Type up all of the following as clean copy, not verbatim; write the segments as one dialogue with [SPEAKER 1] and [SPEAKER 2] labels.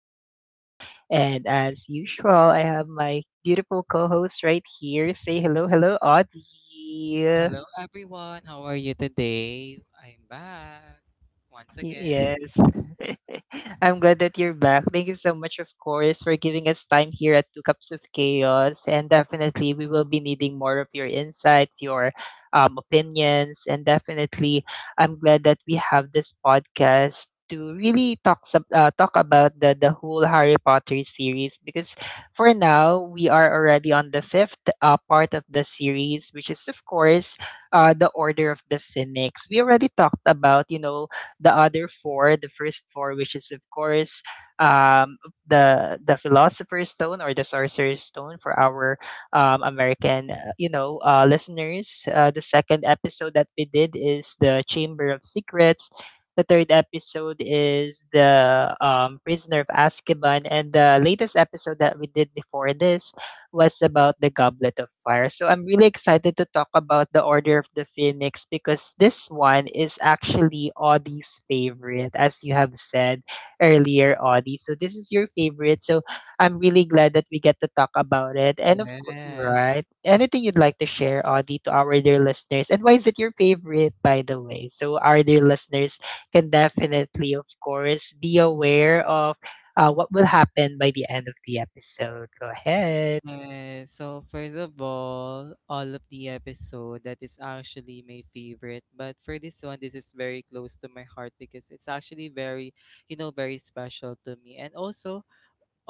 [SPEAKER 1] Chaos. And as usual, I have my beautiful co host right here. Say hello, hello, Audie.
[SPEAKER 2] Hello everyone, how are you today? I'm back once again.
[SPEAKER 1] Yes. I'm glad that you're back. Thank you so much, of course, for giving us time here at Two Cups of Chaos. And definitely, we will be needing more of your insights, your opinions. And definitely, I'm glad that we have this podcast to really talk some, talk about the whole Harry Potter series because for now, we are already on the fifth part of the series, which is, of course, the Order of the Phoenix. We already talked about, you know, the other four, the first four, which is of course um, the Philosopher's Stone or the Sorcerer's Stone for our American, listeners. The second episode that we did is the Chamber of Secrets. The third episode is the Prisoner of Azkaban, and the latest episode that we did before this was about the Goblet of Fire. So I'm really excited to talk about the Order of the Phoenix because this one is actually Audie's favorite, as you have said earlier, Audie. So this is your favorite. So I'm really glad that we get to talk about it. And of course, right?
[SPEAKER 2] Yes.
[SPEAKER 1] Anything you'd like to share, Audie, to our dear listeners? And why is it your favorite, by the way? So our dear listeners can definitely, of course, be aware of what will happen by the end of the episode. Go ahead.
[SPEAKER 2] Yes. So first of all of the episode that is actually my favorite. But for this one, this is very close to my heart because it's actually very, very special to me. And also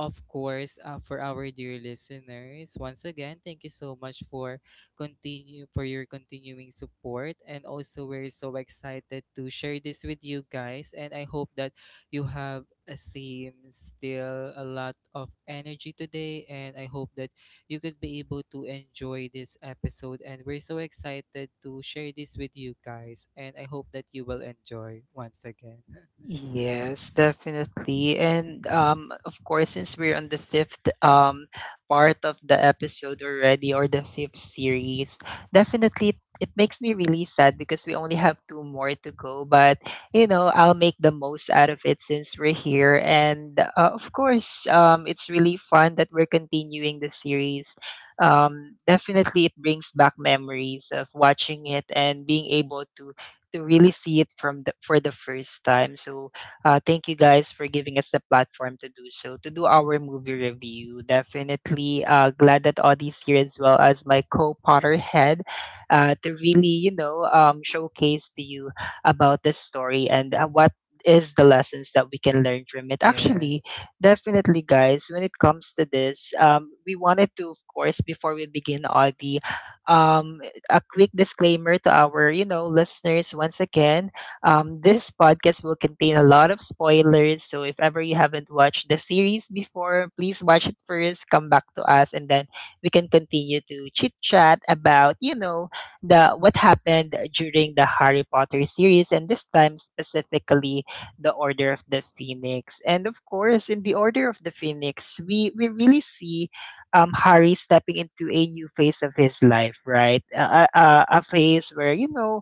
[SPEAKER 2] of course, for our dear listeners, once again, thank you so much for continue for your continuing support, and also we're so excited to share this with you guys. And I hope that you have a same still a lot of energy today, and I hope that you could be able to enjoy this episode. And we're so excited to share this with you guys, and I hope that you will enjoy once again.
[SPEAKER 1] Yes, definitely. And of course, since we're on the fifth part of the episode already or the fifth series, definitely it makes me really sad because we only have two more to go. But you know, I'll make the most out of it since we're here. And of course, it's really fun that we're continuing the series. Definitely, it brings back memories of watching it and being able to really see it from the first time. So thank you guys for giving us the platform to do so, to do our movie review. Definitely glad that Audie's here as well as my co-potter head to really, you know, showcase to you about this story and what is the lessons that we can learn from it. Actually, definitely, guys, when it comes to this, we wanted to, of course, before we begin, Audie, um, a quick disclaimer to our, you know, listeners once again. This podcast will contain a lot of spoilers. So if ever you haven't watched the series before, please watch it first, come back to us, and then we can continue to chit chat about, you know, the what happened during the Harry Potter series and this time specifically the Order of the Phoenix. And of course, in the Order of the Phoenix, we really see Harry stepping into a new phase of his life, right? A phase where, you know,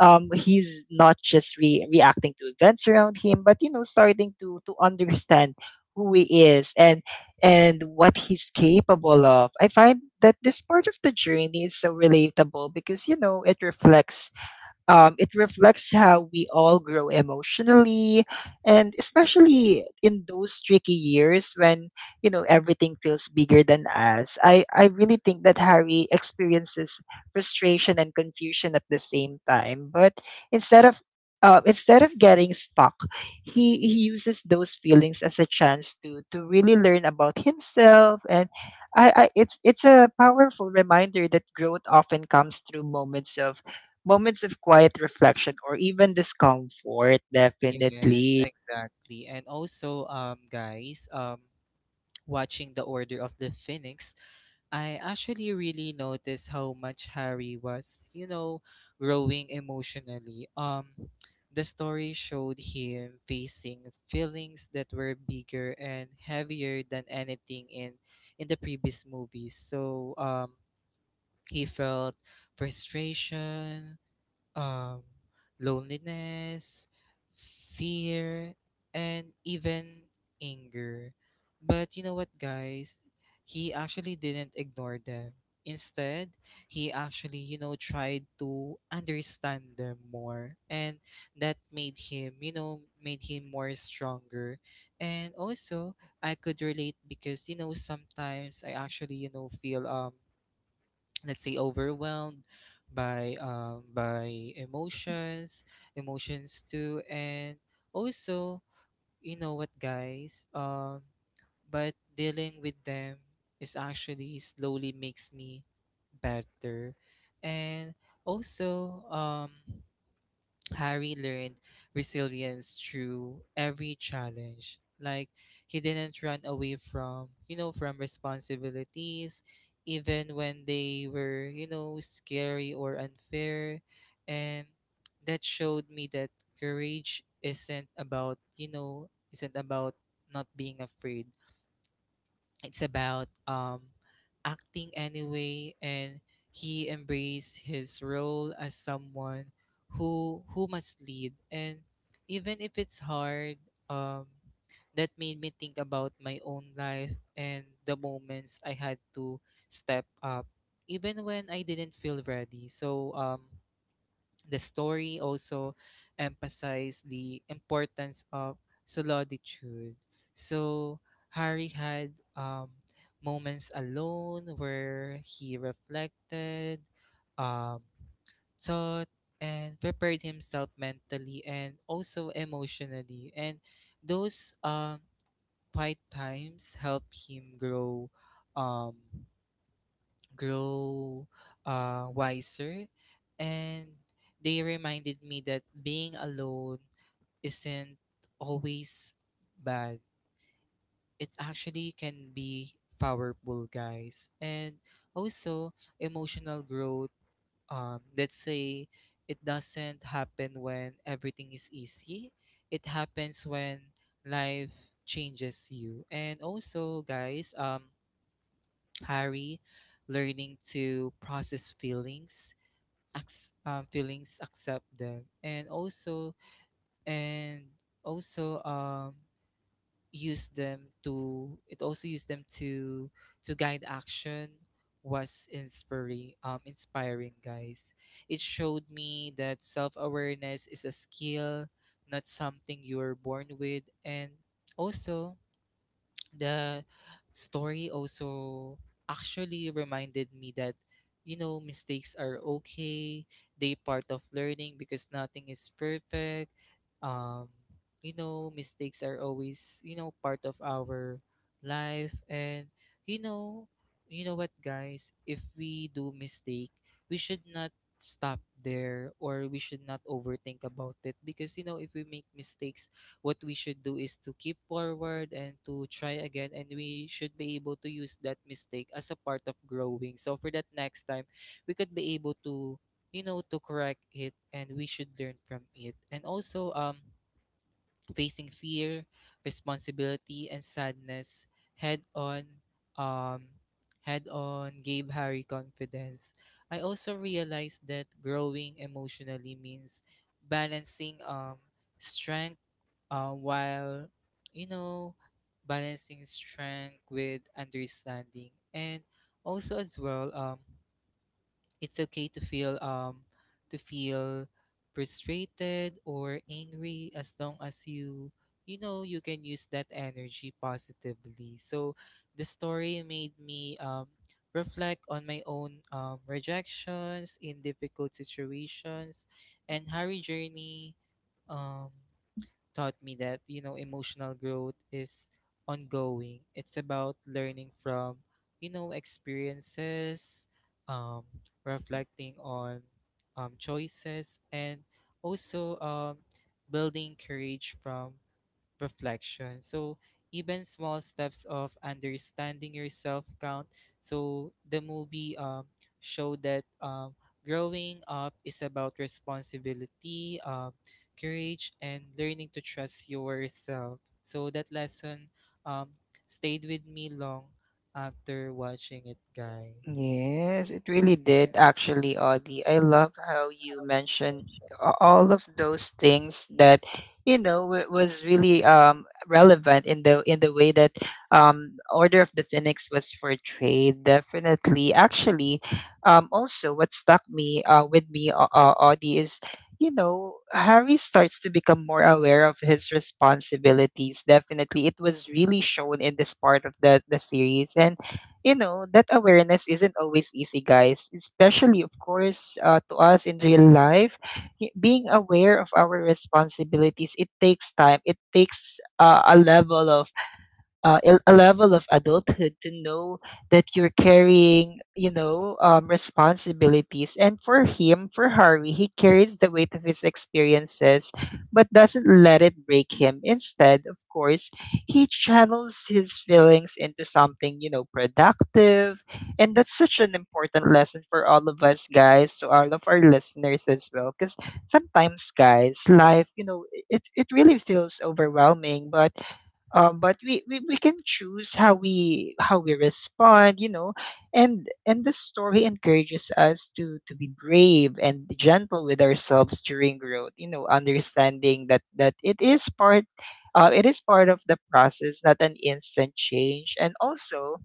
[SPEAKER 1] he's not just reacting to events around him, but, you know, starting to understand who he is and what he's capable of. I find that this part of the journey is so relatable because you know it reflects how we all grow emotionally, and especially in those tricky years when you know everything feels bigger than us. I really think that Harry experiences frustration and confusion at the same time, but instead of instead of getting stuck, he uses those feelings as a chance to really learn about himself and I it's a powerful reminder that growth often comes through moments of quiet reflection or even discomfort, definitely.
[SPEAKER 2] Yes, exactly. And also, guys, watching The Order of the Phoenix, I actually really noticed how much Harry was, growing emotionally. The story showed him facing feelings that were bigger and heavier than anything in the previous movies. So, he felt frustration, um, loneliness, fear, and even anger. But you know what, guys? He actually didn't ignore them. Instead, he actually, tried to understand them more. And that made him, made him more stronger. And also, I could relate because, sometimes I actually, feel let's say overwhelmed by emotions too. And also, you know what guys, but dealing with them is actually slowly makes me better. And also Harry learned resilience through every challenge. Like he didn't run away from, from responsibilities, even when they were, scary or unfair. And that showed me that courage isn't about, you know, isn't about not being afraid. It's about acting anyway, and he embraced his role as someone who must lead. And even if it's hard, um, that made me think about my own life and the moments I had to step up, even when I didn't feel ready. So the story also emphasized the importance of solitude. So Harry had moments alone where he reflected, um, thought, and prepared himself mentally and also emotionally. And those quiet times help him grow. Um, grow wiser. And they reminded me that being alone isn't always bad. It actually can be powerful, guys. And also, emotional growth let's say it doesn't happen when everything is easy. It happens when life changes you. And also, guys, Harry, learning to process feelings, feelings, accept them, and also use them to guide action was inspiring, guys. It showed me that self-awareness is a skill, not something you're born with. And also the story also actually reminded me that you know mistakes are okay. They part of learning because nothing is perfect. um you know, mistakes are always you know part of our life. And you know you know what guys, if we do mistake, we should not stop there or we should not overthink about it, because you know if we make mistakes, what we should do is to keep forward and to try again, and we should be able to use that mistake as a part of growing, so for that next time we could be able to, you know, to correct it and we should learn from it. And also facing fear, responsibility and sadness head on, um gave Harry confidence. I also realized that growing emotionally means balancing strength while you know balancing strength with understanding. And also as well, it's okay to feel frustrated or angry as long as you, you know, you can use that energy positively. So the story made me reflect on my own rejections in difficult situations, and how journey um taught me that, you know, emotional growth is ongoing. It's about learning from, you know, experiences, um, reflecting on choices, and also building courage from reflection. So even small steps of understanding yourself count. So the movie showed that growing up is about responsibility, courage, and learning to trust yourself. So that lesson um stayed with me long after watching it, guys.
[SPEAKER 1] Yes, it really did actually, Audie. I love how you mentioned all of those things that you know was really relevant in the way that Order of the Phoenix was portrayed. Definitely, actually, also what stuck me with me, Audie, is you know Harry starts to become more aware of his responsibilities. Definitely, it was really shown in this part of the series and you know that awareness isn't always easy guys especially of course to us in real life. Y- being aware of our responsibilities it takes time it takes a level of a level of adulthood to know that you're carrying, you know, responsibilities. And for him, for Harvey, he carries the weight of his experiences, but doesn't let it break him. Instead, of course, he channels his feelings into something, you know, productive. And that's such an important lesson for all of us, guys, to all of our listeners as well. Because sometimes, guys, life, you know, it really feels overwhelming, but we can choose how we respond you know and the story encourages us to be brave and gentle with ourselves during growth you know understanding that it is part of the process not an instant change and also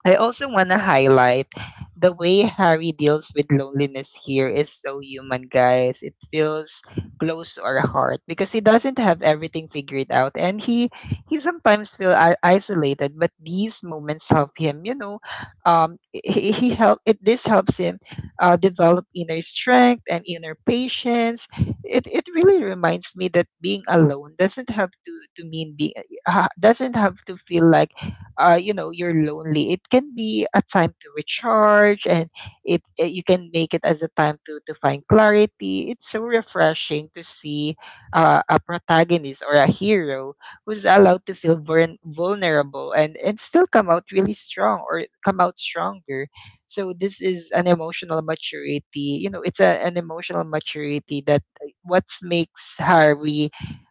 [SPEAKER 1] I also want to highlight the way Harry deals with loneliness here is so human, guys. It feels close to our heart because he doesn't have everything figured out, and he sometimes feel isolated. But these moments help him, you know. He help it. This helps him develop inner strength and inner patience. It really reminds me that being alone doesn't have to mean being doesn't have to feel like you know you're lonely it can be a time to recharge and it, you can make it as a time to find clarity it's so refreshing to see a protagonist or a hero who's allowed to feel vulnerable and still come out really strong or come out stronger so this is an emotional maturity you know it's a, an emotional maturity that what makes harvey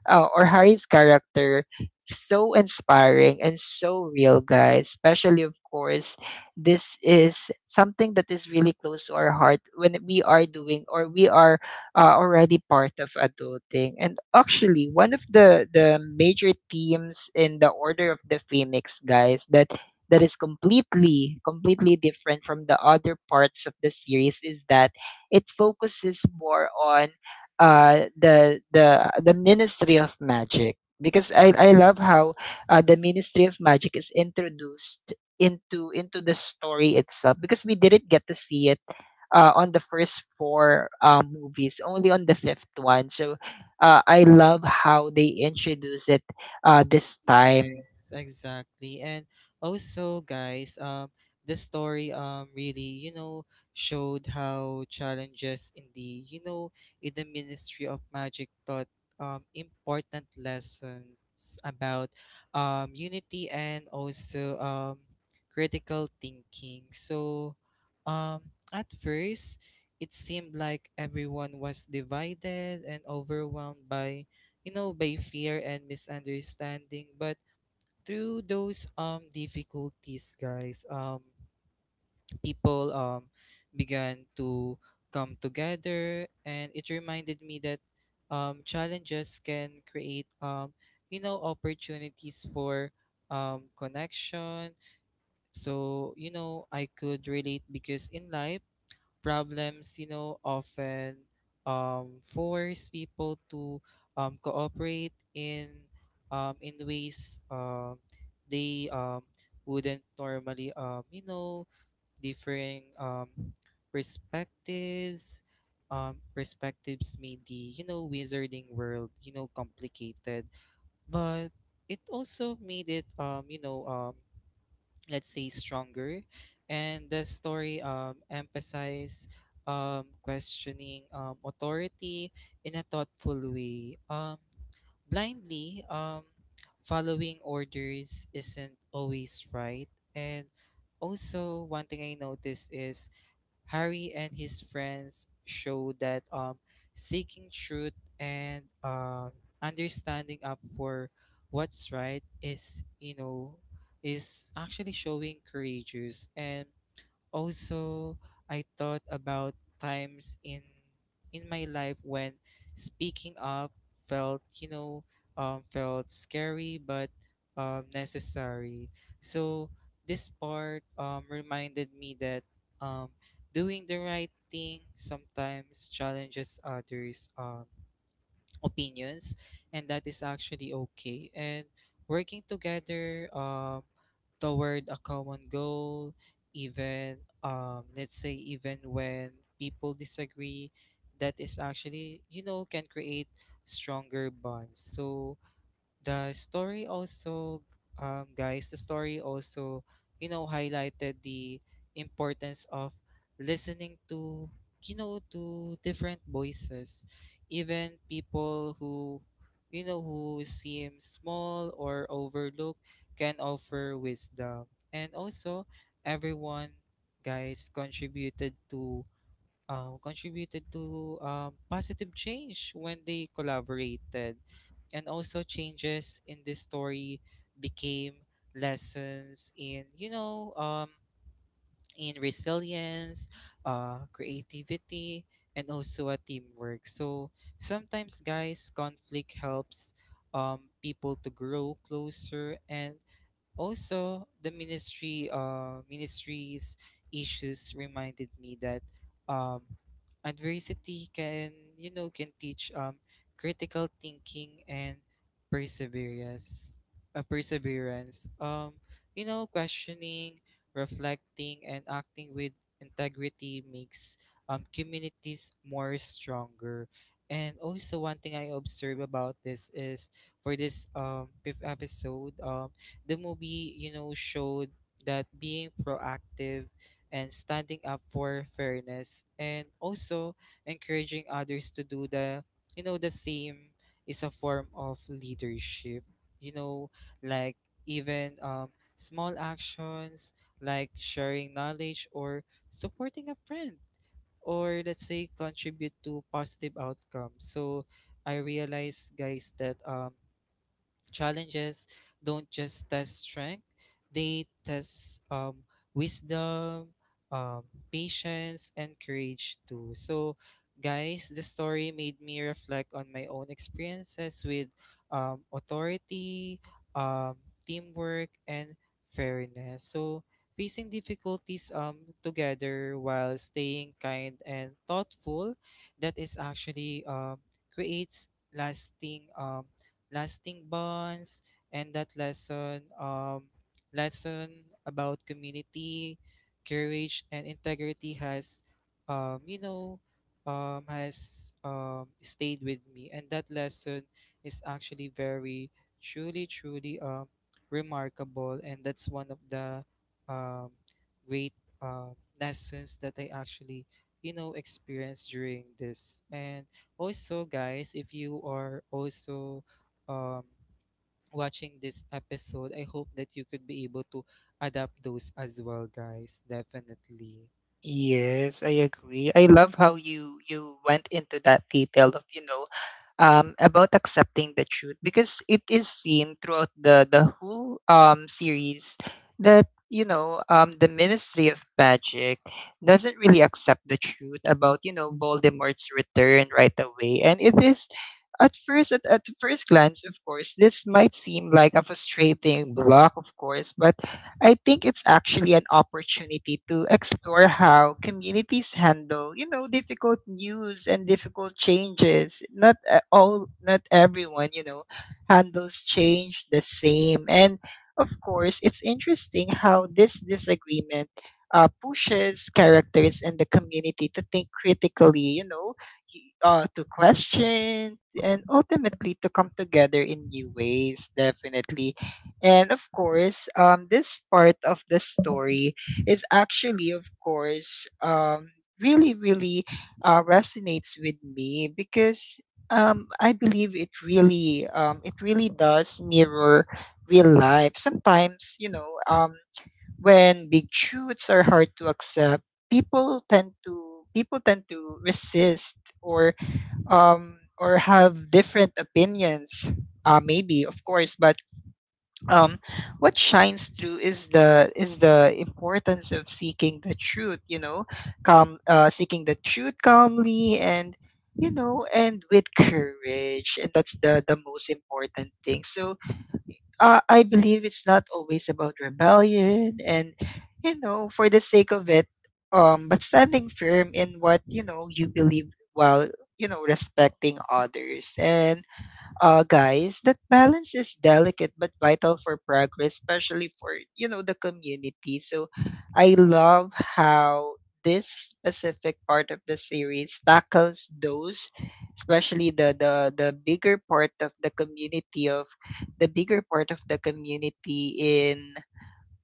[SPEAKER 1] or Harry's character so inspiring and so real, guys. Especially, of course, this is something that is really close to our heart when we are doing or we are already part of adulting. And actually, one of the major themes in the Order of the Phoenix, guys, that is completely different from the other parts of the series is that it focuses more on the Ministry of Magic because I love how the Ministry of Magic is introduced into the story itself because we didn't get to see it on the first four movies, only on the fifth one. So I love how they introduce it this time.
[SPEAKER 2] Yes, exactly. And also, guys, the story really, you know, showed how challenges in the, you know, in the Ministry of Magic taught important lessons about unity and also critical thinking. So, at first, it seemed like everyone was divided and overwhelmed by, you know, by fear and misunderstanding, but through those difficulties guys, people began to come together. And it reminded me that challenges can create you know opportunities for connection. So you know I could relate because in life problems, you know, often force people to cooperate in ways they wouldn't normally, you know, differing perspectives. Perspectives made the you know wizarding world you know complicated, but it also made it let's say stronger. And the story emphasize questioning authority in a thoughtful way. Blindly following orders isn't always right. And also one thing I noticed is Harry and his friends show that, seeking truth and understanding up for what's right is, you know, is actually showing courageous. And also, I thought about times in my life when speaking up felt, you know, felt scary but necessary. So this part reminded me that um, doing the right thing sometimes challenges others. Opinions, and that is actually okay. And working together toward a common goal, even let's say even when people disagree, that is actually you know can create stronger bonds. So the story also, guys, the story also, you know, highlighted the importance of listening to, you know, to different voices. Even people who, you know, who seem small or overlooked, can offer wisdom. And also everyone guys contributed to positive change when they collaborated. And also, changes in this story became lessons in, you know, in resilience, creativity, and also a teamwork. So sometimes, guys, conflict helps people to grow closer. And also, the ministry's issues reminded me that um, adversity can you know can teach critical thinking and perseverance. Uh, perseverance. Um, you know, questioning, reflecting, and acting with integrity makes communities more stronger. And also, one thing I observe about this is for this fifth episode, the movie, you know, showed that being proactive and standing up for fairness, and also encouraging others to do the, you know, the same, is a form of leadership. You know, like even small actions like sharing knowledge or supporting a friend, or let's say contribute to positive outcomes. So I realize guys that challenges don't just test strength, they test wisdom, um, patience, and courage too. So, guys, the story made me reflect on my own experiences with authority, um, teamwork, and fairness. So, facing difficulties together while staying kind and thoughtful, that is actually creates lasting, lasting bonds. And that lesson, lesson about community, courage, and integrity has, um, you know stayed with me. And that lesson is actually very, truly remarkable. And that's one of the um, great lessons that I actually you know experienced during this. And also guys if you are also um, watching this episode, I hope that you could be able to adapt those as well, guys. Definitely.
[SPEAKER 1] Yes, I agree. I love how you went into that detail of you know about accepting the truth because it is seen throughout the whole series that you know the Ministry of Magic doesn't really accept the truth about you know Voldemort's return right away, and it is. At first, at first glance, of course, this might seem like a frustrating block, of course, but I think it's actually an opportunity to explore how communities handle, you know, difficult news and difficult changes. Not not everyone, you know, handles change the same. And of course, it's interesting how this disagreement pushes characters in the community to think critically, you know, to question and ultimately to come together in new ways, definitely and of course, this part of the story is actually, of course, really resonates with me because I believe it really does mirror real life. Sometimes, you know, when big truths are hard to accept, people tend to resist or have different opinions. Maybe, of course, but um, what shines through is the importance of seeking the truth you know calm seeking the truth calmly and you know and with courage and that's the most important thing so I believe it's not always about rebellion and you know for the sake of it but standing firm in what you know you believe while you know respecting others and guys, that balance is delicate but vital for progress, especially for you know the community. So, I love how this specific part of the series tackles those, especially the bigger part of the community of the bigger part of the community in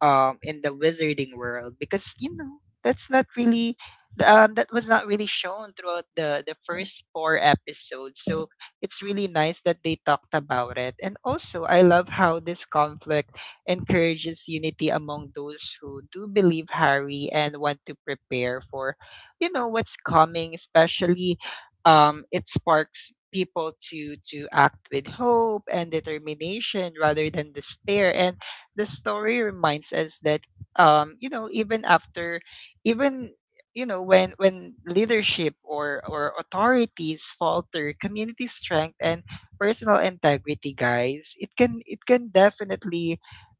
[SPEAKER 1] in the wizarding world because that's not really that was not really shown throughout the first four episodes. So it's really nice that they talked about it. And also, I love how this conflict encourages unity among those who do believe Harry and want to prepare for what's coming. Especially it sparks people to act with hope and determination rather than despair. And the story reminds us that even after even when leadership or authorities falter, community strength and personal integrity, guys,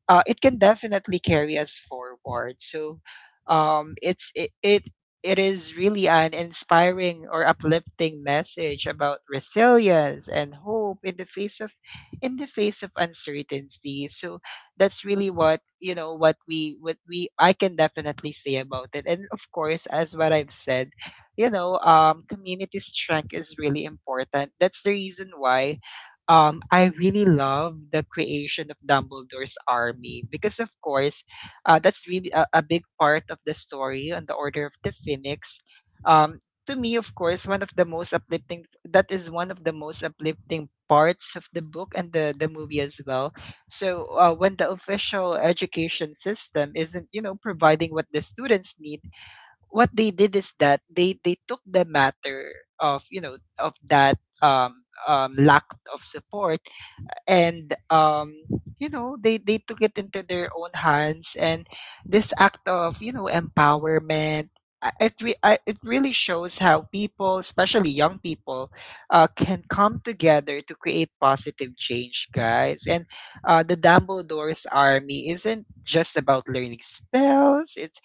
[SPEAKER 1] it can definitely carry us forward. So it's it, it it is really an inspiring or uplifting message about resilience and hope in the face of in the face of uncertainty. So that's really what you know what we I can definitely say about it. And of course, as what I've said, community strength is really important. That's the reason why I really love the creation of Dumbledore's Army because, of course, that's really a big part of the story and the Order of the Phoenix. Um, to me, of course, one of the most uplifting that is one of the most uplifting parts of the book and the movie as well. So when the official education system isn't, you know, providing what the students need, what they did is that they took the matter of of that lack of support. And you know they took it into their own hands. And this act of empowerment, it really shows how people, especially young people, can come together to create positive change, guys. And the Dumbledore's Army isn't just about learning spells. It's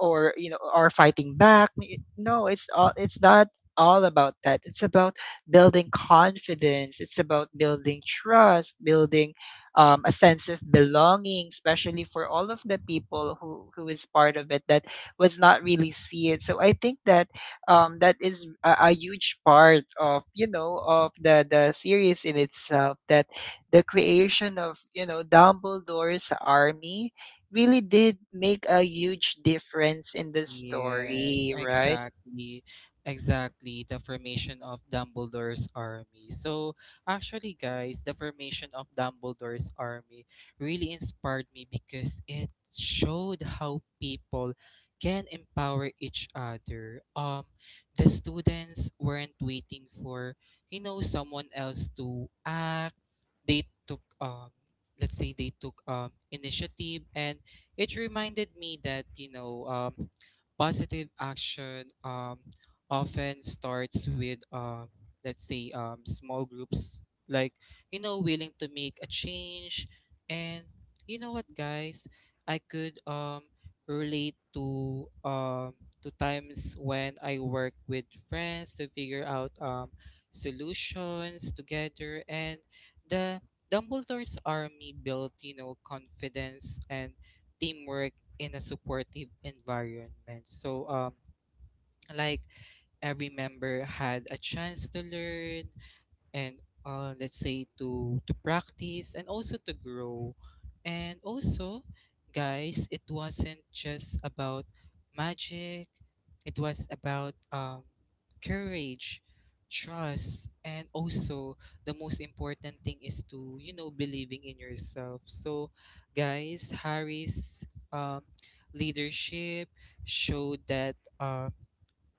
[SPEAKER 1] or or fighting back. No, it's all, it's not all about that. It's about building confidence. It's about building trust, building a sense of belonging, especially for all of the people who is part of it that was not really see it. So I think that that is a huge part of of the series in itself. That the creation of Dumbledore's Army really did make a huge difference in the
[SPEAKER 2] Yes,
[SPEAKER 1] story, right?
[SPEAKER 2] exactly. Exactly. The formation of Dumbledore's army. So, actually, guys, the formation of Dumbledore's army really inspired me because it showed how people can empower each other. The students weren't waiting for, you know, someone else to act. They took initiative. And it reminded me that you know positive action often starts with let's say small groups like you know willing to make a change. And you know what guys, I could relate to times when I work with friends to figure out solutions together. And the Dumbledore's army built, you know, confidence and teamwork in a supportive environment. So, like every member had a chance to learn, and let's say to practice and also to grow. And also, guys, it wasn't just about magic, it was about courage, trust, and also the most important thing is to believing in yourself. So, guys, harry's um, leadership showed that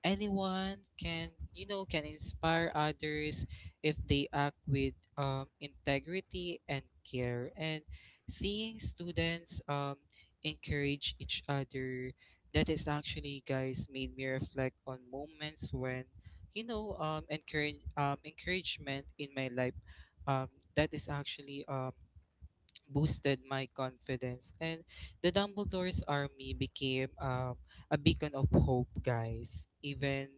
[SPEAKER 2] anyone can, can inspire others if they act with integrity and care. And seeing students encourage each other, that is actually, guys, made me reflect on moments when, encouragement in my life, um, that is actually boosted my confidence. And the Dumbledore's army became, a beacon of hope, guys, even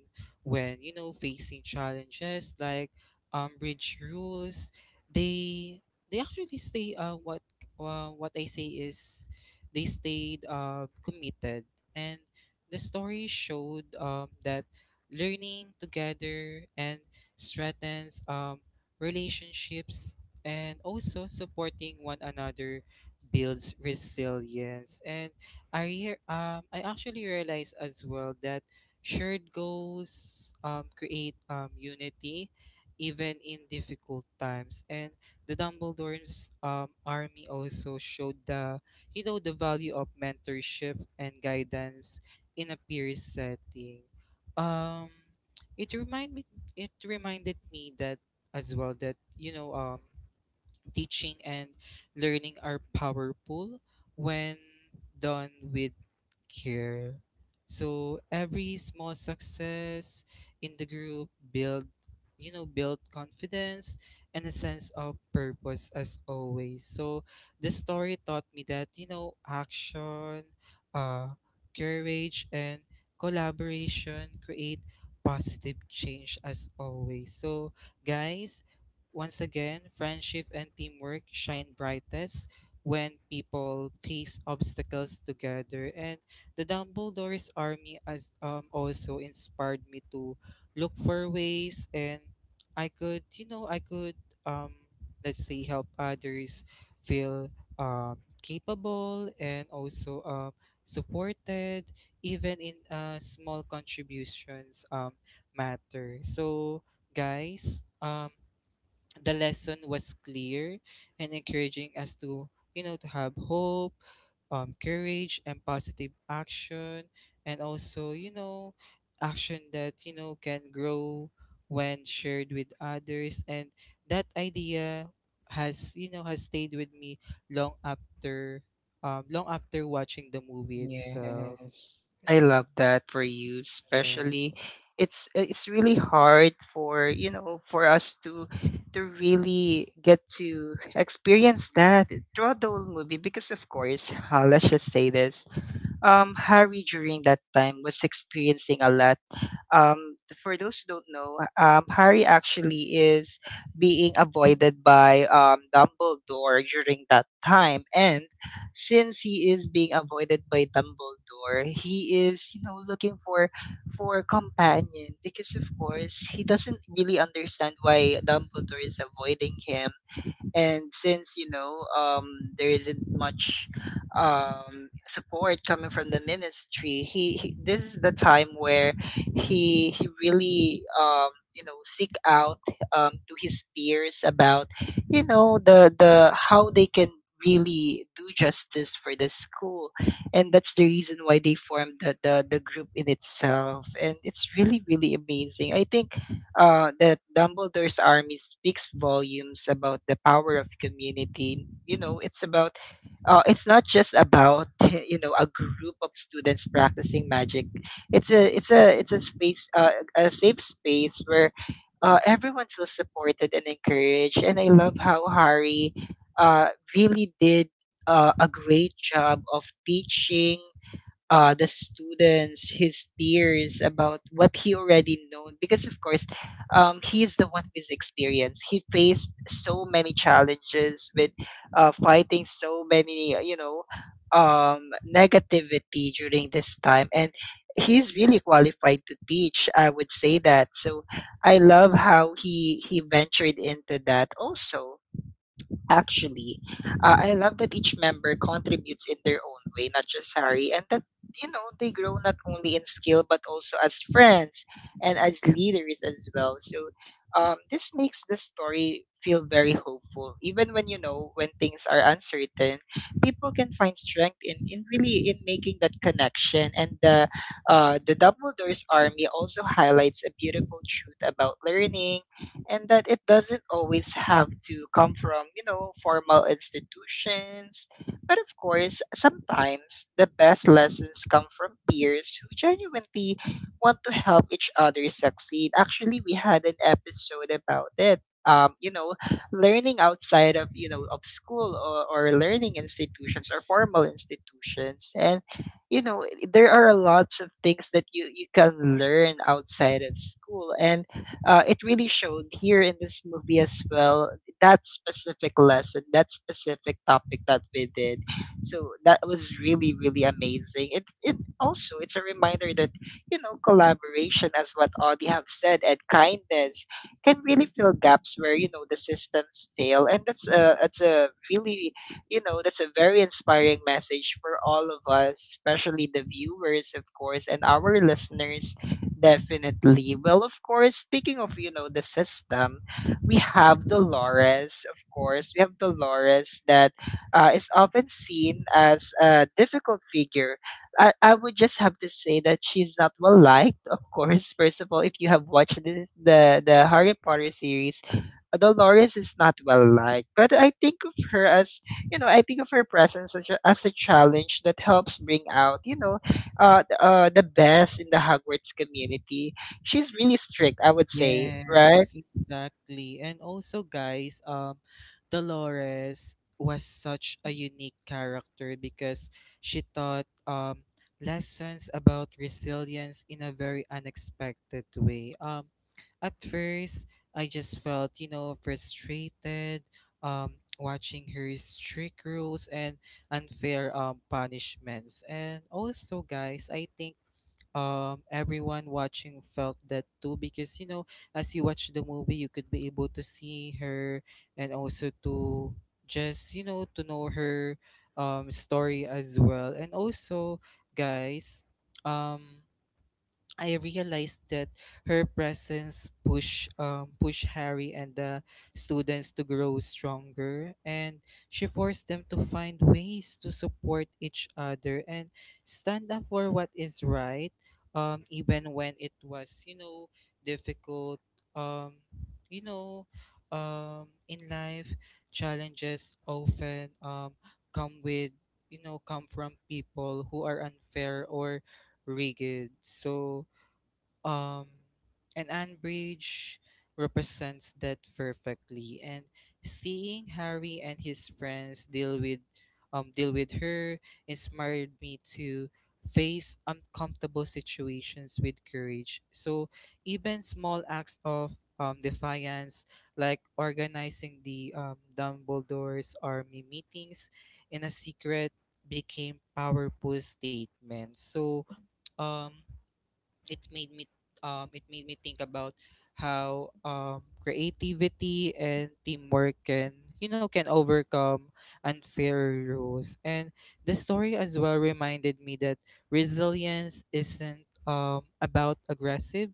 [SPEAKER 2] when, facing challenges like Umbridge rules, they they actually stay what I say is they stayed committed. And the story showed that learning together and strengthens relationships, and also supporting one another builds resilience. And I actually realized as well that shared goals create unity even in difficult times. And the dumbledore's army also showed the, the value of mentorship and guidance in a peer setting. um it reminded it reminded me that as well that, teaching and learning are powerful when done with care. So every small success in the group build, build confidence and a sense of purpose, as always. So the story taught me that, action, uh courage and collaboration create positive change, as always. So, guys, once again, friendship and teamwork shine brightest when people face obstacles together. And the Dumbledore's army as also inspired me to look for ways and I could, I could, um let's say, help others feel capable, and also supported. Even in small contributions matter. So, guys, the lesson was clear and encouraging us to, to have hope, courage and positive action, and also, action that, can grow when shared with others. And that idea has, has stayed with me long after, watching the movie itself.
[SPEAKER 1] Yes. I love that for you.
[SPEAKER 2] Yeah.
[SPEAKER 1] Especially it's really hard for, you know, for us to really get to experience that throughout the whole movie. Because of course, let's just say this. Harry during that time was experiencing a lot. For those who don't know, Harry actually is being avoided by Dumbledore during that time. And since he is being avoided by Dumbledore, he is looking for a companion, because of course he doesn't really understand why Dumbledore is avoiding him. And since there isn't much support coming from the ministry, he, this is the time where he really you know seek out to his peers about the how they can really do justice for the school. And that's the reason why they formed the group in itself. And it's really, really amazing. I think that Dumbledore's Army speaks volumes about the power of community. You know, it's about, it's not just about you know a group of students practicing magic. It's a it's a space, a safe space where everyone feels supported and encouraged. And I love how Harry uh, really did a great job of teaching the students, his peers, about what he already known. Because of course, he is the one who is experienced. He faced so many challenges with fighting so many, um, negativity during this time. And he's really qualified to teach, I would say that. So I love how he ventured into that also. Actually, I love that each member contributes in their own way, not just Harry. And that they grow not only in skill but also as friends and as leaders as well. So, this makes the story feel very hopeful, even when when things are uncertain. People can find strength in really in making that connection. And the Dumbledore's Army also highlights a beautiful truth about learning, and that it doesn't always have to come from, you know, formal institutions. But of course, sometimes the best lessons come from peers who genuinely want to help each other succeed. Actually, we had an episode about it. You know, learning outside of of school or learning institutions or formal institutions. And there are lots of things that you can learn outside of school. And it really showed here in this movie as well, that specific lesson, that specific topic that we did. So that was really, really amazing. It also, it's a reminder that collaboration, as what Audie have said, and kindness can really fill gaps where the systems fail. And that's a really that's a very inspiring message for all of us, especially the viewers, of course, and our listeners. Definitely. Well, of course, speaking of, you know, the system, we have Dolores, of course. We have Dolores that is often seen as a difficult figure. I would just have to say that she's not well liked, of course. First of all, if you have watched this, the Harry Potter series, Dolores is not well liked. But I think of her as, you know, I think of her presence as a challenge that helps bring out, you know, the best in the Hogwarts community. She's really strict, I would say, right?
[SPEAKER 2] Yes, exactly. And also, guys, Dolores was such a unique character because she taught lessons about resilience in a very unexpected way. At first, I just felt, frustrated, watching her strict rules and unfair punishments. And also, guys, I think everyone watching felt that too, because, as you watch the movie you could be able to see her, and also to just, to know her story as well. And also, guys um I realized that her presence push, Harry and the students to grow stronger, and she forced them to find ways to support each other and stand up for what is right, even when it was, difficult. Um, you know, in life, challenges often come with, come from people who are unfair or rigid. So, um and Anne Bridge represents that perfectly. And seeing Harry and his friends deal with, deal with her, inspired me to face uncomfortable situations with courage. So even small acts of defiance, like organizing the, Dumbledore's army meetings in a secret, became powerful statements. So um it made me it made me think about how creativity and teamwork can, can overcome unfair rules. And the story as well reminded me that resilience isn't about aggressive,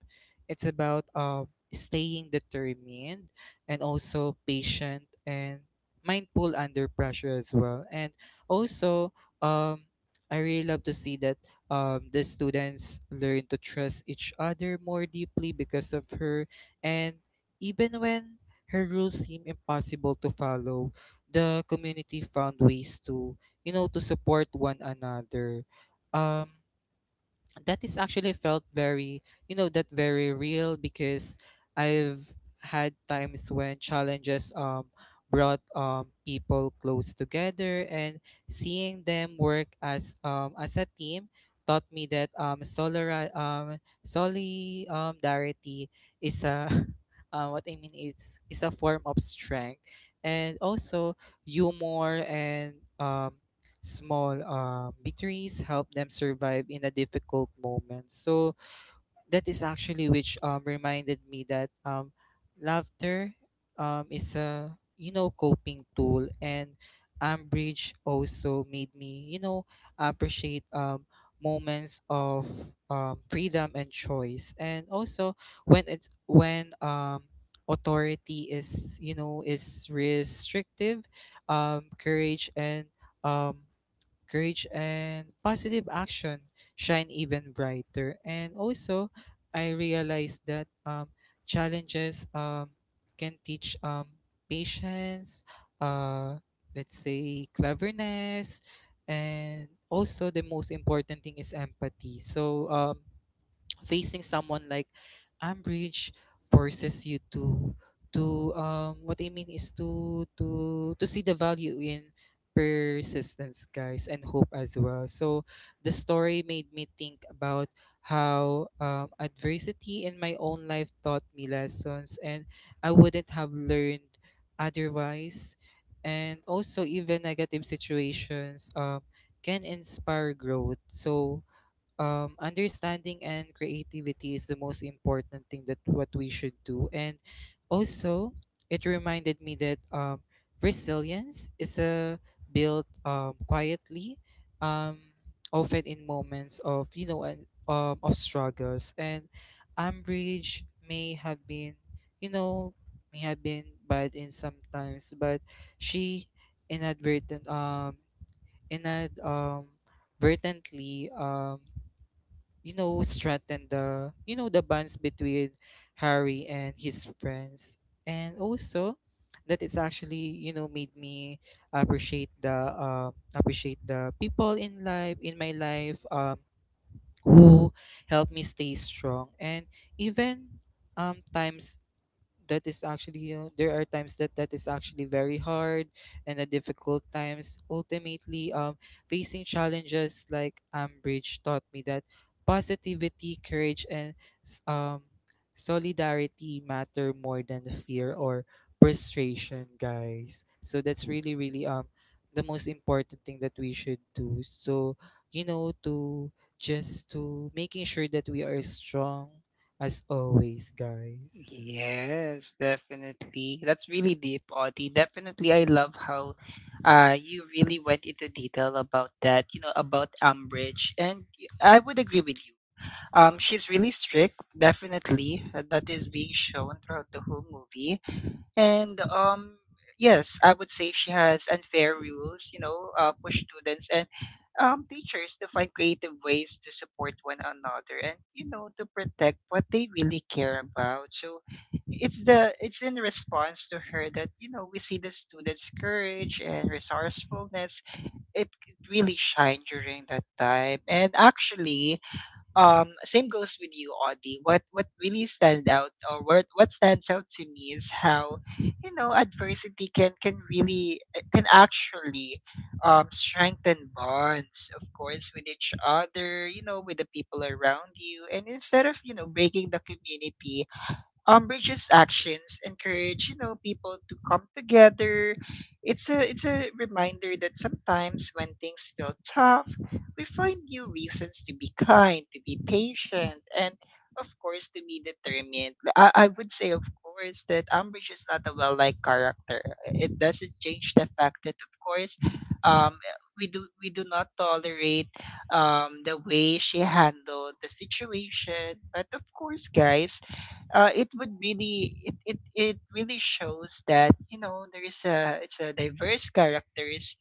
[SPEAKER 2] it's about staying determined, and also patient and mindful under pressure as well. And also, um I really love to see that the students learn to trust each other more deeply because of her. And even when her rules seem impossible to follow, the community found ways to, to support one another. Um, that is actually felt very, that very real, because I've had times when challenges brought people close together. And seeing them work as a team taught me that solidarity is a what I mean is a form of strength. And also humor and um small victories help them survive in a difficult moment. So that is actually which, reminded me that, laughter is a, coping tool. And Ambridge also made me, appreciate moments of freedom and choice. And also when it when, authority is, is restrictive, courage and um, positive action shine even brighter. And also, I realized that challenges can teach, patience, uh, let's say cleverness, and also the most important thing is empathy. So, facing someone like I'm rich forces you to what I mean is to see the value in persistence, guys, and hope as well. So the story made me think about how, adversity in my own life taught me lessons and I wouldn't have learned otherwise. And also, even negative situations can inspire growth. So, understanding and creativity is the most important thing that what we should do. And also, it reminded me that, resilience is a built quietly, um, often in moments of, you know and of struggles. And umbrage may have been, you know, may have been bad in sometimes, but she inadvertent um inad um inadvertently strengthen the, the bonds between Harry and his friends. And also that it's actually, made me appreciate the people in life in my life who help me stay strong. And even times, that is actually, there are times that that is actually very hard. And the difficult times ultimately facing challenges like Ambridge taught me that positivity, courage and s- um solidarity matter more than the fear or frustration, guys. So that's really really the most important thing that we should do. So, you know, to just to making sure that we are strong, as always, guys.
[SPEAKER 1] Yes, definitely. That's really deep, Audie. Definitely, I love how you really went into detail about that, you know, about Umbridge. And I would agree with you. She's really strict, definitely. That is being shown throughout the whole movie. And yes, I would say she has unfair rules. You know, push students and teachers to find creative ways to support one another and, you know, to protect what they really care about. So it's the it's in response to her that, you know, we see the students' courage and resourcefulness. It really shine during that time. And actually, same goes with you, Audie. What really stands out, or what stands out to me is how adversity can really can actually strengthen bonds, of course, with each other, you know, with the people around you. And instead of breaking the community, Umbridge's actions encourage, you know, people to come together. It's a reminder that sometimes when things feel tough, we find new reasons to be kind, to be patient, and of course to be determined. I would say, of course, that Umbridge is not a well liked character. It doesn't change the fact that of course um we do not tolerate the way she handled the situation. But of course, guys, it would really it really shows that there is a, it's a diverse characters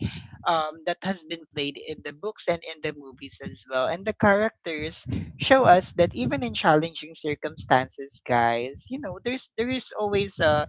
[SPEAKER 1] that has been played in the books and in the movies as well. And the characters show us that even in challenging circumstances, guys, you know, there is always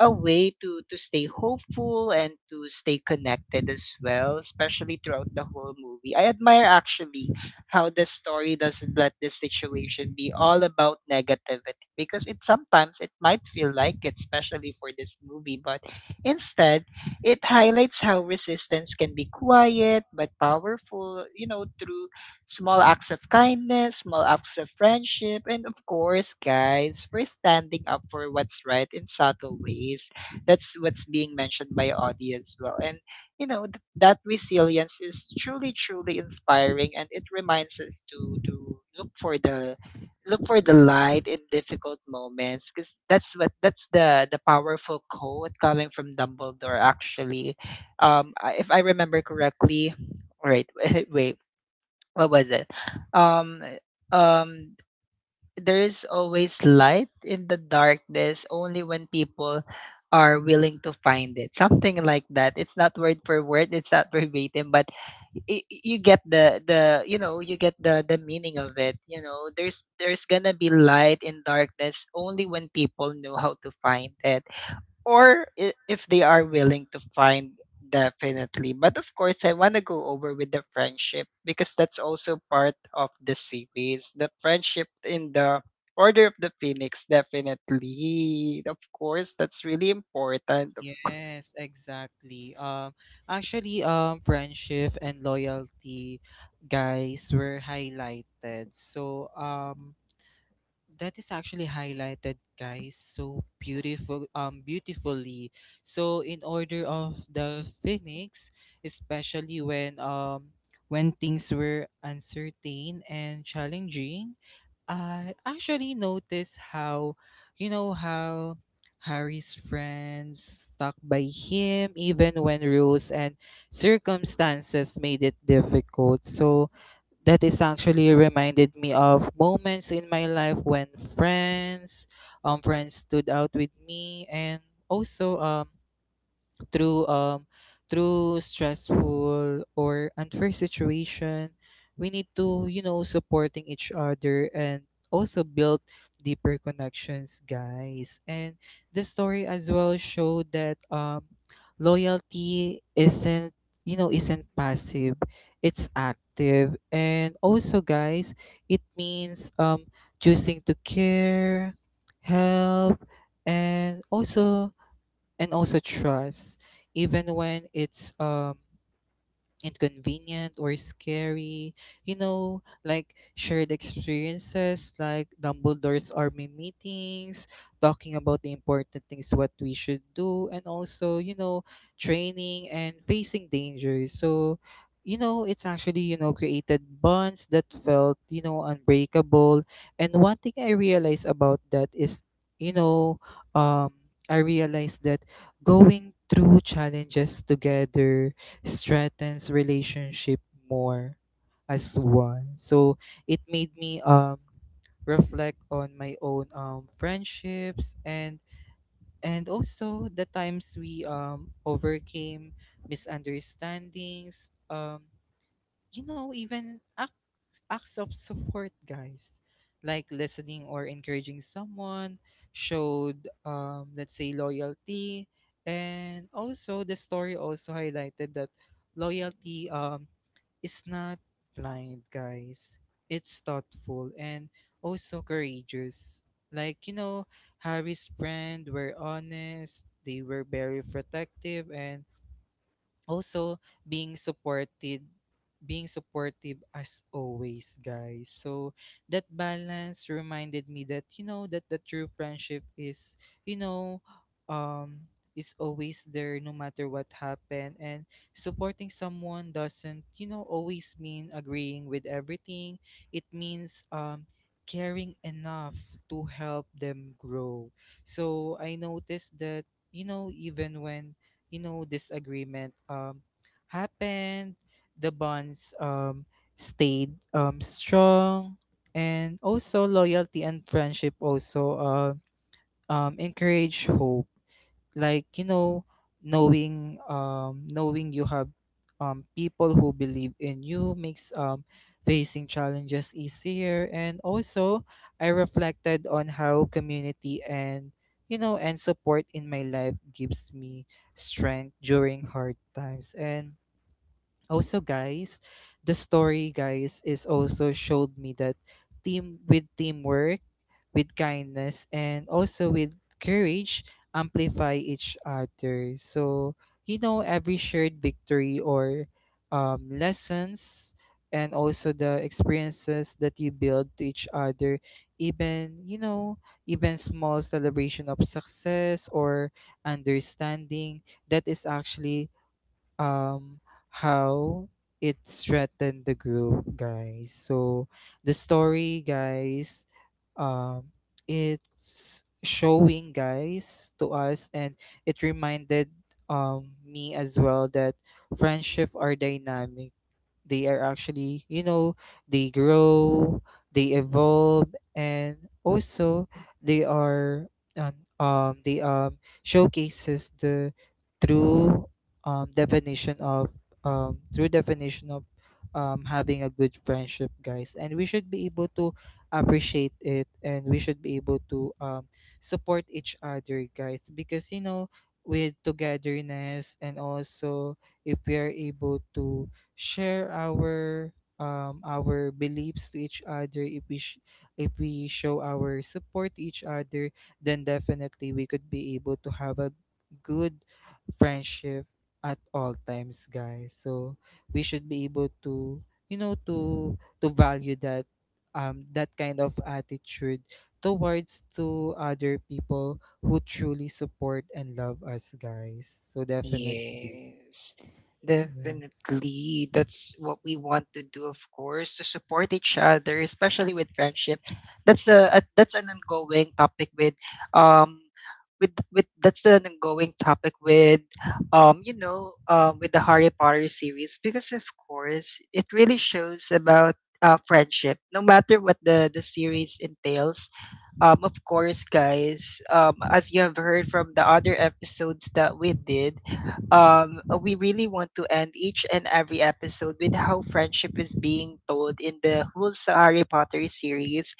[SPEAKER 1] a way to stay hopeful and to stay connected as well, especially throughout the whole movie. I admire actually how the story doesn't let this situation be all about negativity, because it sometimes it might feel like it, especially for this movie. But instead, it highlights how resistance can be quiet but powerful, you know, through small acts of kindness, small acts of friendship, and of course, guys, for standing up for what's right in subtle ways. That's what's being mentioned by Audie as well. And, you know, that resilience is truly, truly inspiring. And it reminds us to, look for the light in difficult moments. Because that's what, that's the powerful quote coming from Dumbledore, actually. If I remember correctly, all right, wait, what was it? Um, um, there is always light in the darkness only when people are willing to find it. Something like that. It's not word for word. It's not verbatim, but you get the you know you get the meaning of it. You know, there's gonna be light in darkness only when people know how to find it, or if they are willing to find. Definitely. But of course, I want to go over with the friendship, because that's also part of the series, the friendship in the Order of the Phoenix. Definitely, of course, that's really important.
[SPEAKER 2] Yes, exactly. Actually, friendship and loyalty, guys, were highlighted. So, that is actually highlighted, guys, so beautiful, beautifully. So, in order of the Phoenix, especially when things were uncertain and challenging, I actually noticed how, how Harry's friends stuck by him even when rules and circumstances made it difficult. So that is actually reminded me of moments in my life when friends, friends stood out with me. And also through um through stressful or unfair situation, we need to, supporting each other, and also build deeper connections, guys. And the story as well showed that loyalty isn't, isn't passive, it's active. And also, guys, it means choosing to care, help, and also and also trust, even when it's inconvenient or scary. You know, like shared experiences like Dumbledore's army meetings, talking about the important things what we should do, and also, training and facing danger. So, it's actually, created bonds that felt, unbreakable. And one thing I realized about that is, you know, um, I realized that going through challenges together strengthens relationship more as one. So it made me reflect on my own friendships and also the times we overcame misunderstandings. Even acts of support, guys, like listening or encouraging someone, showed, let's say, loyalty. And also, the story also highlighted that loyalty is not blind, guys. It's thoughtful and also courageous. Like, Harry's friend were honest, they were very protective, and also being supported being supportive, as always, guys. So that balance reminded me that, that the true friendship is, you know um is always there no matter what happened. And supporting someone doesn't, always mean agreeing with everything, it means caring enough to help them grow. So I noticed that, even when, disagreement happened, the bonds stayed strong. And also loyalty and friendship also encourage hope, like, knowing you have people who believe in you makes facing challenges easier. And also I reflected on how community and, support in my life gives me strength during hard times. And also, guys, the story, guys, is also showed me that teamwork with kindness and also with courage amplify each other. So, every shared victory or, lessons, and also the experiences that you build to each other, even, even small celebration of success or understanding, that is actually um how it threatened the group, guys. So the story, guys um it's showing, guys, to us. And it reminded me as well that friendship are dynamic. They are actually, they grow, they evolve, and also they are they showcases the true definition of um true definition of having a good friendship, guys. And we should be able to appreciate it, and we should be able to support each other, guys, because you know with togetherness and also if we are able to share our beliefs to each other, if we show our support to each other, then definitely we could be able to have a good friendship at all times, guys. So we should be able to, you know, to value that, that kind of attitude towards to other people who truly support and love us, guys, so definitely
[SPEAKER 1] Yes,
[SPEAKER 2] yes,
[SPEAKER 1] definitely. That's what we want to do, of course, to support each other, especially with friendship. That's a, that's an ongoing topic with um with that's an ongoing topic with with the Harry Potter series because of course it really shows about friendship no matter what the series entails. Of course, guys, as you have heard from the other episodes that we did, we really want to end each and every episode with how friendship is being told in the whole Harry Potter series.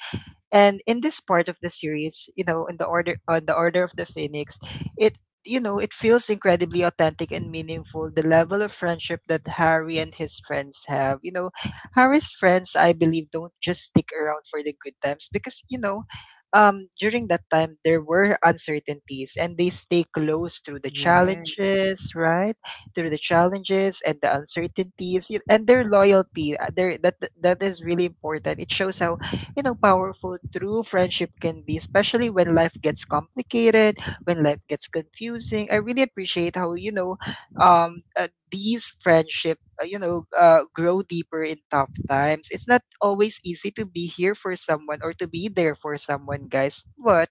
[SPEAKER 1] And in this part of the series, you know, in the Order of the Phoenix, it it feels incredibly authentic and meaningful. The level of friendship that Harry and his friends have. You know, Harry's friends, I believe, don't just stick around for the good times because, you know, during that time, there were uncertainties and they stay close through the
[SPEAKER 2] yes.
[SPEAKER 1] challenges, right? Through the challenges and the uncertainties and their loyalty. That, that is really important. It shows how, you know, powerful true friendship can be, especially when life gets complicated, when life gets confusing. I really appreciate how, these friendship, grow deeper in tough times. It's not always easy to be here for someone or to be there for someone, guys. But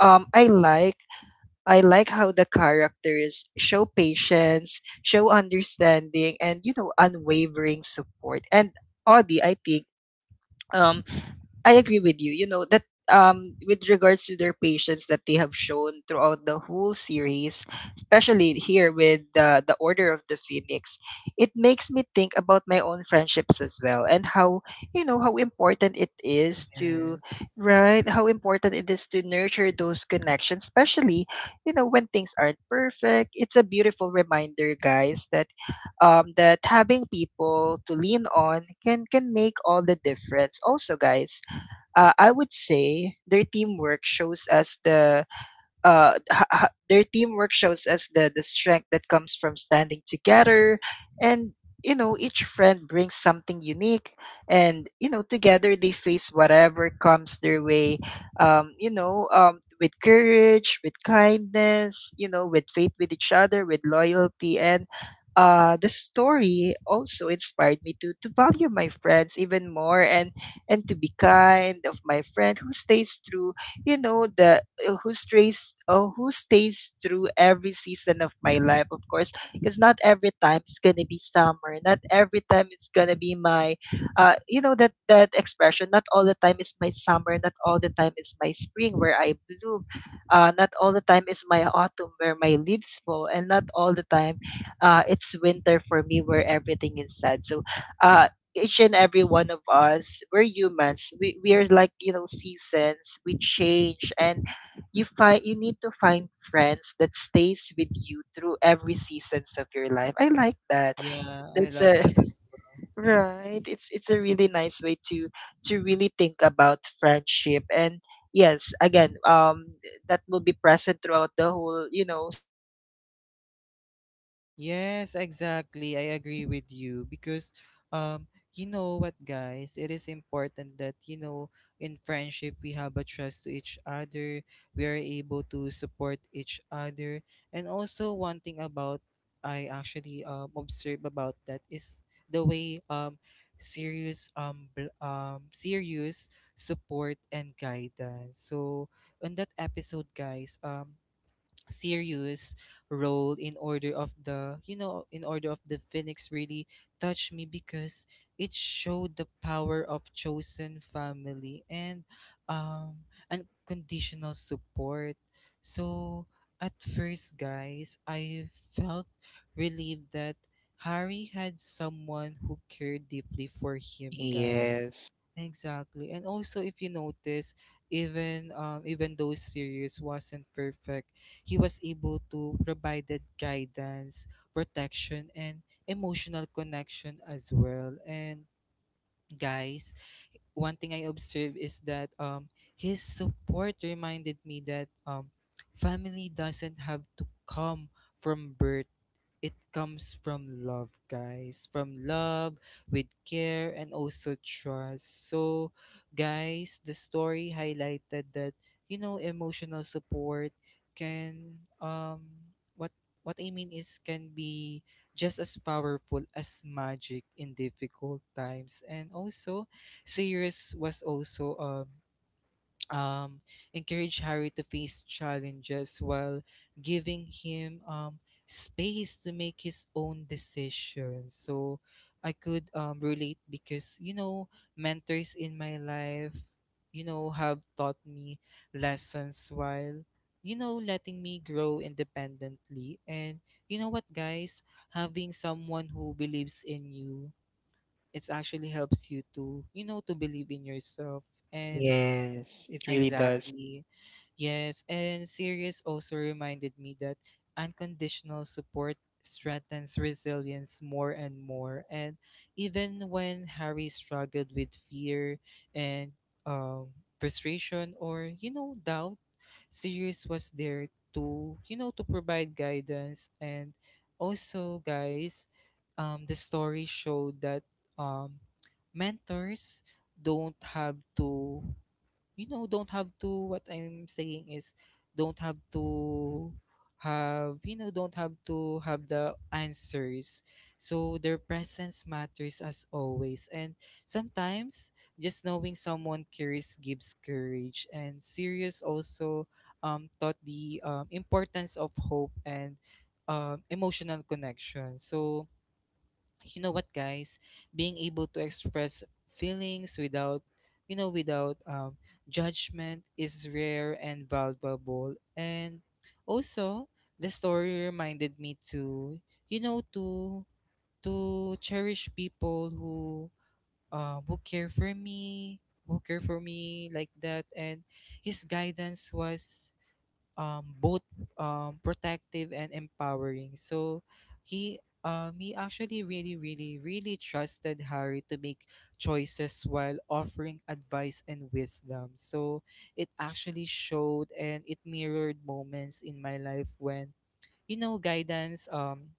[SPEAKER 1] um, I like, I like how the characters show patience, show understanding, and, you know, unwavering support. And Audie, I think, um I agree with you. You know that, with regards to their patience that they have shown throughout the whole series, especially here with the Order of the Phoenix, it makes me think about my own friendships as well and how, you know how important it is to
[SPEAKER 2] Yes.
[SPEAKER 1] right, how important it is to nurture those connections, especially, you know, when things aren't perfect. It's a beautiful reminder, guys, that, that having people to lean on can make all the difference. Also, guys, I would say their teamwork shows us the the strength that comes from standing together. And, you know, each friend brings something unique, and, you know, together they face whatever comes their way with courage, with kindness, you know, with faith with each other, with loyalty. And the story also inspired me to value my friends even more, and to be kind of my friend who stays true. You know the who stays Who stays through every season of my life, of course, because not every time it's gonna be summer, not every time it's gonna be my you know, that that expression. Not all the time is my summer, not all the time is my spring where I bloom, not all the time is my autumn where my leaves fall, and not all the time it's winter for me where everything is sad. So uh, each and every one of us, we're humans, we are like, you know, seasons. We change. And you find, you need to find friends that stays with you through every seasons of your life. I like that.
[SPEAKER 2] Yeah, I
[SPEAKER 1] That's
[SPEAKER 2] like
[SPEAKER 1] a
[SPEAKER 2] that as well.
[SPEAKER 1] right, it's a really nice way to really think about friendship. And yes, again, that will be present throughout the whole, you know, series, that friendship is always there in terms of
[SPEAKER 2] Yes,
[SPEAKER 1] Harry Potter.
[SPEAKER 2] exactly. I agree with you, because you know what, guys, it is important that, you know, in friendship we have a trust to each other, we are able to support each other. And also one thing about, I actually observe about that is the way serious support and guidance. So on that episode, guys, serious role in order of the phoenix really touched me, because it showed the power of chosen family and um unconditional support. So at first, guys, I felt relieved that Harry had someone who cared deeply for him, guys.
[SPEAKER 1] Yes,
[SPEAKER 2] Exactly. And also, if you notice, even even though series wasn't perfect, he was able to provide that guidance, protection, and emotional connection as well. And guys, one thing I observed is that, his support reminded me that, family doesn't have to come from birth, it comes from love, guys. From love, with care, and also trust. So, guys, the story highlighted that, you know, emotional support can, what, what I mean is, can be just as powerful as magic in difficult times. And also, Sirius was also, um, encourage Harry to face challenges while giving him space to make his own decisions. So I could relate because, you know, mentors in my life, you know, have taught me lessons while, you know, letting me grow independently. And you know what, guys? Having someone who believes in you, it actually helps you to, you know, to believe in yourself. And
[SPEAKER 1] yes, it really does.
[SPEAKER 2] exactly. Yes, and series also reminded me that unconditional support strengthens resilience more and more. And even when Harry struggled with fear and um, frustration or you know doubt, Sirius was there to, you know, to provide guidance. And also, guys, the story showed that, um, mentors don't have to you know don't have to what I'm saying is don't have to have you know don't have to have the answers. So their presence matters as always, and sometimes just knowing someone cares gives courage. And Sirius also taught the importance of hope and emotional connection. So you know what, guys, being able to express feelings without, you know, without judgment is rare and valuable. And also, the story reminded me to, you know, to cherish people who, um, who care for me who care for me like that. And his guidance was both protective and empowering. So he actually really trusted Harry to make choices while offering advice and wisdom. So it actually showed and it mirrored moments in my life when, you know, guidance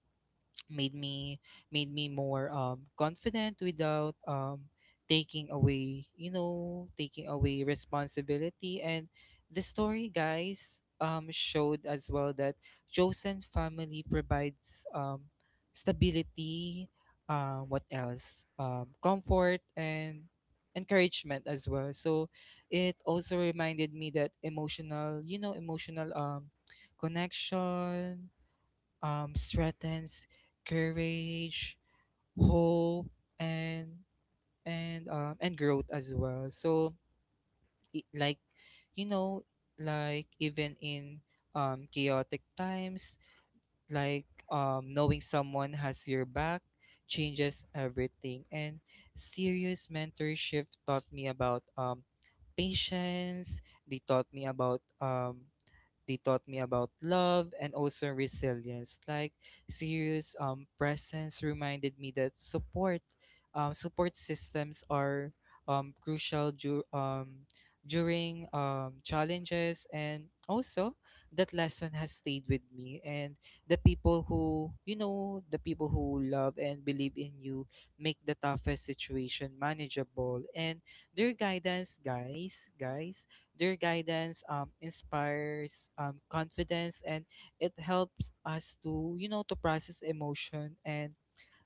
[SPEAKER 2] made me made me more confident without taking away responsibility. And the story, guys, showed as well that chosen family provides stability, uh, what else, comfort, and encouragement as well. So it also reminded me that emotional you know emotional connection, strengthens courage, hope, and and growth as well. So, i- like, you know, like even in chaotic times, like knowing someone has your back changes everything. And serious mentorship taught me about patience. They taught me about, love and also resilience. Like serious presence reminded me that support systems are crucial during challenges. And also, that lesson has stayed with me, and the people who love and believe in you make the toughest situation manageable. And their guidance, guys, their guidance inspires confidence, and it helps us to, you know, to process emotion. And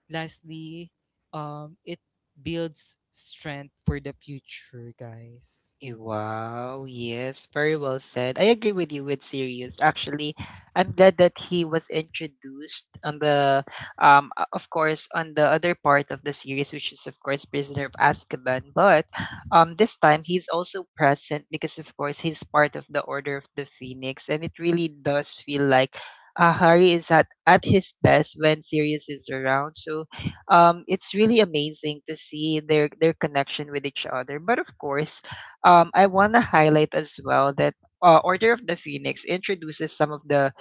[SPEAKER 2] lastly, it builds strength for the future, guys.
[SPEAKER 1] Eh, wow, yes, very well said. I agree with you with Sirius. Actually, I'm glad that he was introduced on the of course, on the other part of the series, which is of course Prisoner of Azkaban. But this time he's also present because of course he's part of the Order of the Phoenix, and it really does feel like Harry is at his best when Sirius is around. So, it's really amazing to see their connection with each other. But of course, I want to highlight as well that, Order of the Phoenix introduces some of the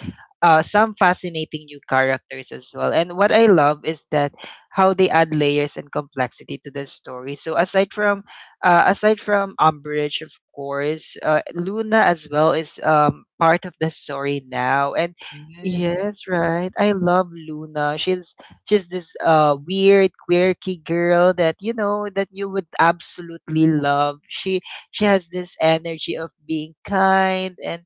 [SPEAKER 1] some fascinating new characters as well. And what I love is that how they add layers and complexity to the story. So aside from Umbridge, of course, Luna as well is, part of the story now. And
[SPEAKER 2] Yes,
[SPEAKER 1] yes, right, I love Luna. She's this weird, quirky girl that, you know, that you would absolutely love. She has this energy of being kind, and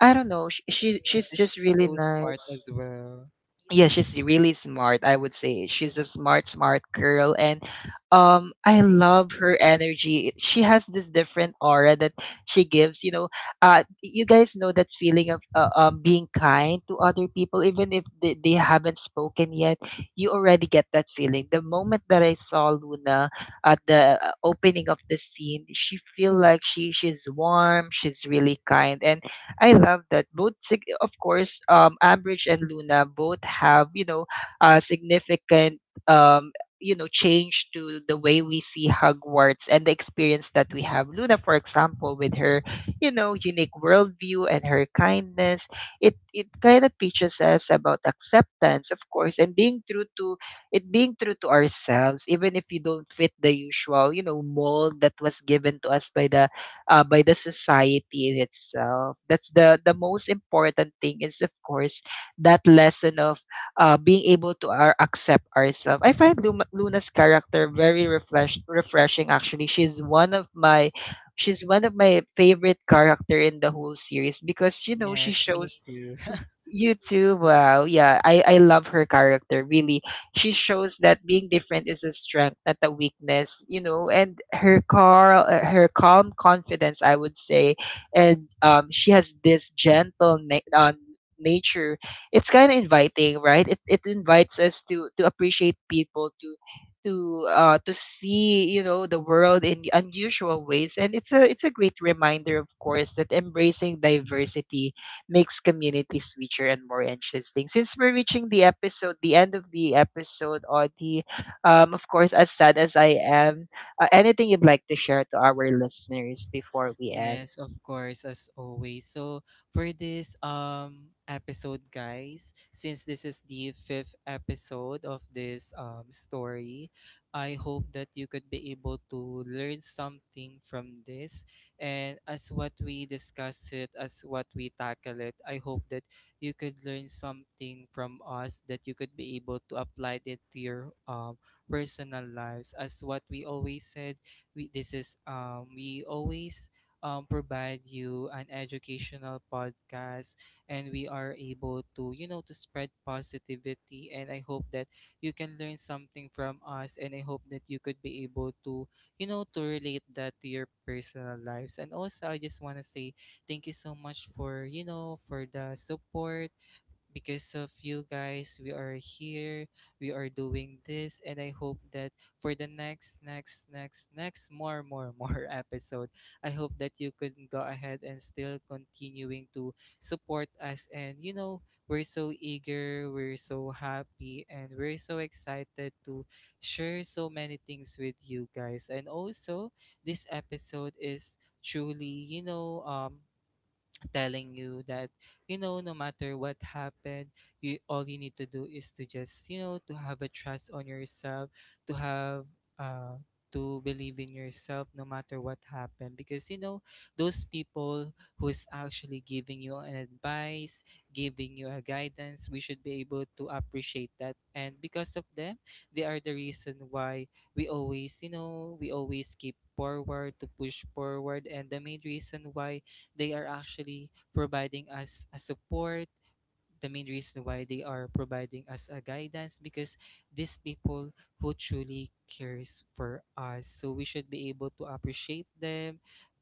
[SPEAKER 1] I don't know,
[SPEAKER 2] yes,
[SPEAKER 1] she's
[SPEAKER 2] she's
[SPEAKER 1] just really
[SPEAKER 2] so smart as
[SPEAKER 1] nice.
[SPEAKER 2] well.
[SPEAKER 1] Yeah, she's really smart. I would say she's a smart, smart girl, and, I love her energy. She has this different aura that she gives. You know, you guys know that feeling of, being kind to other people, even if they haven't spoken yet. You already get that feeling. The moment that I saw Luna at the opening of the scene, she feel like she's warm. She's really kind, and I love that both. Of course, Ambridge and Luna both have, you know, significant, um, you know, change to the way we see Hogwarts and the experience that we have. Luna, for example, with her, you know, unique worldview and her kindness, it kind of teaches us about acceptance, of course, and being true to, it being true to ourselves, even if you don't fit the usual, you know, mold that was given to us by the society in itself. That's the most important thing, is of course that lesson of being able to accept ourselves. I find Luna's character very refreshing. Actually, she's one of my favorite character in the whole series because, you know, she
[SPEAKER 2] Yes, me
[SPEAKER 1] shows,
[SPEAKER 2] too.
[SPEAKER 1] you too. Wow. Yeah, I love her character. Really, she shows that being different is a strength, not a weakness. You know, and her calm confidence, I would say, and, she has this gentle nature. It's kind of inviting, right? It invites us to appreciate people, to see, you know, the world in unusual ways. And it's a great reminder, of course, that embracing diversity makes communities richer and more interesting. Since we're reaching the episode, the end of the episode, Audie, of course, as sad as I am, anything you'd like to share to our listeners before we end?
[SPEAKER 2] Yes, of course, as always. So for this episode, guys, since this is the fifth episode of this story, I hope that you could be able to learn something from this. And as what we discuss it, as what we tackle it, I hope that you could learn something from us, that you could be able to apply it to your personal lives. As what we always said, we this is we always provide you an educational podcast, and we are able to, you know, to spread positivity. And I hope that you can learn something from us, and I hope that you could be able to, you know, to relate that to your personal lives. And also, I just want to say thank you so much for, you know, for the support, because of you guys we are here, we are doing this. And I hope that for the next next next next more more more episode, I hope that you could go ahead and still continuing to support us. And you know, we're so eager, we're so happy, and we're so excited to share so many things with you guys. And also, this episode is truly, you know, telling you that, you know, no matter what happened, you, all you need to do is to just, you know, to have a trust on yourself, to have, uh, to believe in yourself no matter what happened. Because, you know, those people who is actually giving you an advice, giving you a guidance, we should be able to appreciate that. And because of them, they are the reason why we always keep forward to push forward. And the main reason why they are actually providing us a support, the main reason why they are providing us a guidance, because these people who truly cares for us. So we should be able to appreciate them,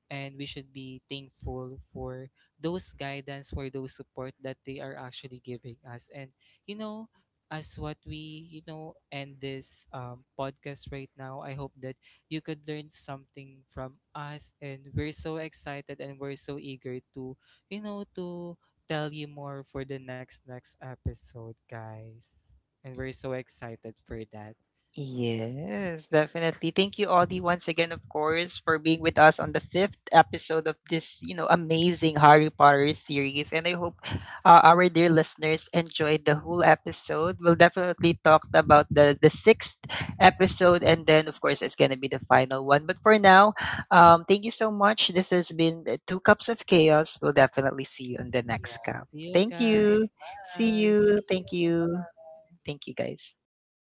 [SPEAKER 2] and we should be thankful for those guidance, for those support that they are actually giving us. And you know, as what we you know end this, podcast right now, I hope that you could learn something from us. And we're so excited and we're so eager to, you know, to tell you more for the next next episode, guys, and we're so excited for that.
[SPEAKER 1] Yes, definitely. Thank you, Audie, once again, of course, for being with us on the fifth episode of this, you know, amazing Harry Potter series. And I hope our dear listeners enjoyed the whole episode. We'll definitely talk about the sixth episode, and then, of course, it's gonna be the final one. But for now, thank you so much. This has been Two Cups of Chaos. We'll definitely see you on the
[SPEAKER 2] Yeah,
[SPEAKER 1] next
[SPEAKER 2] see
[SPEAKER 1] cup.
[SPEAKER 2] you
[SPEAKER 1] Thank
[SPEAKER 2] guys.
[SPEAKER 1] you. See
[SPEAKER 2] Bye, see
[SPEAKER 1] you. Thank
[SPEAKER 2] you.
[SPEAKER 1] you.
[SPEAKER 2] Bye.
[SPEAKER 1] Thank you, guys.
[SPEAKER 2] Bye.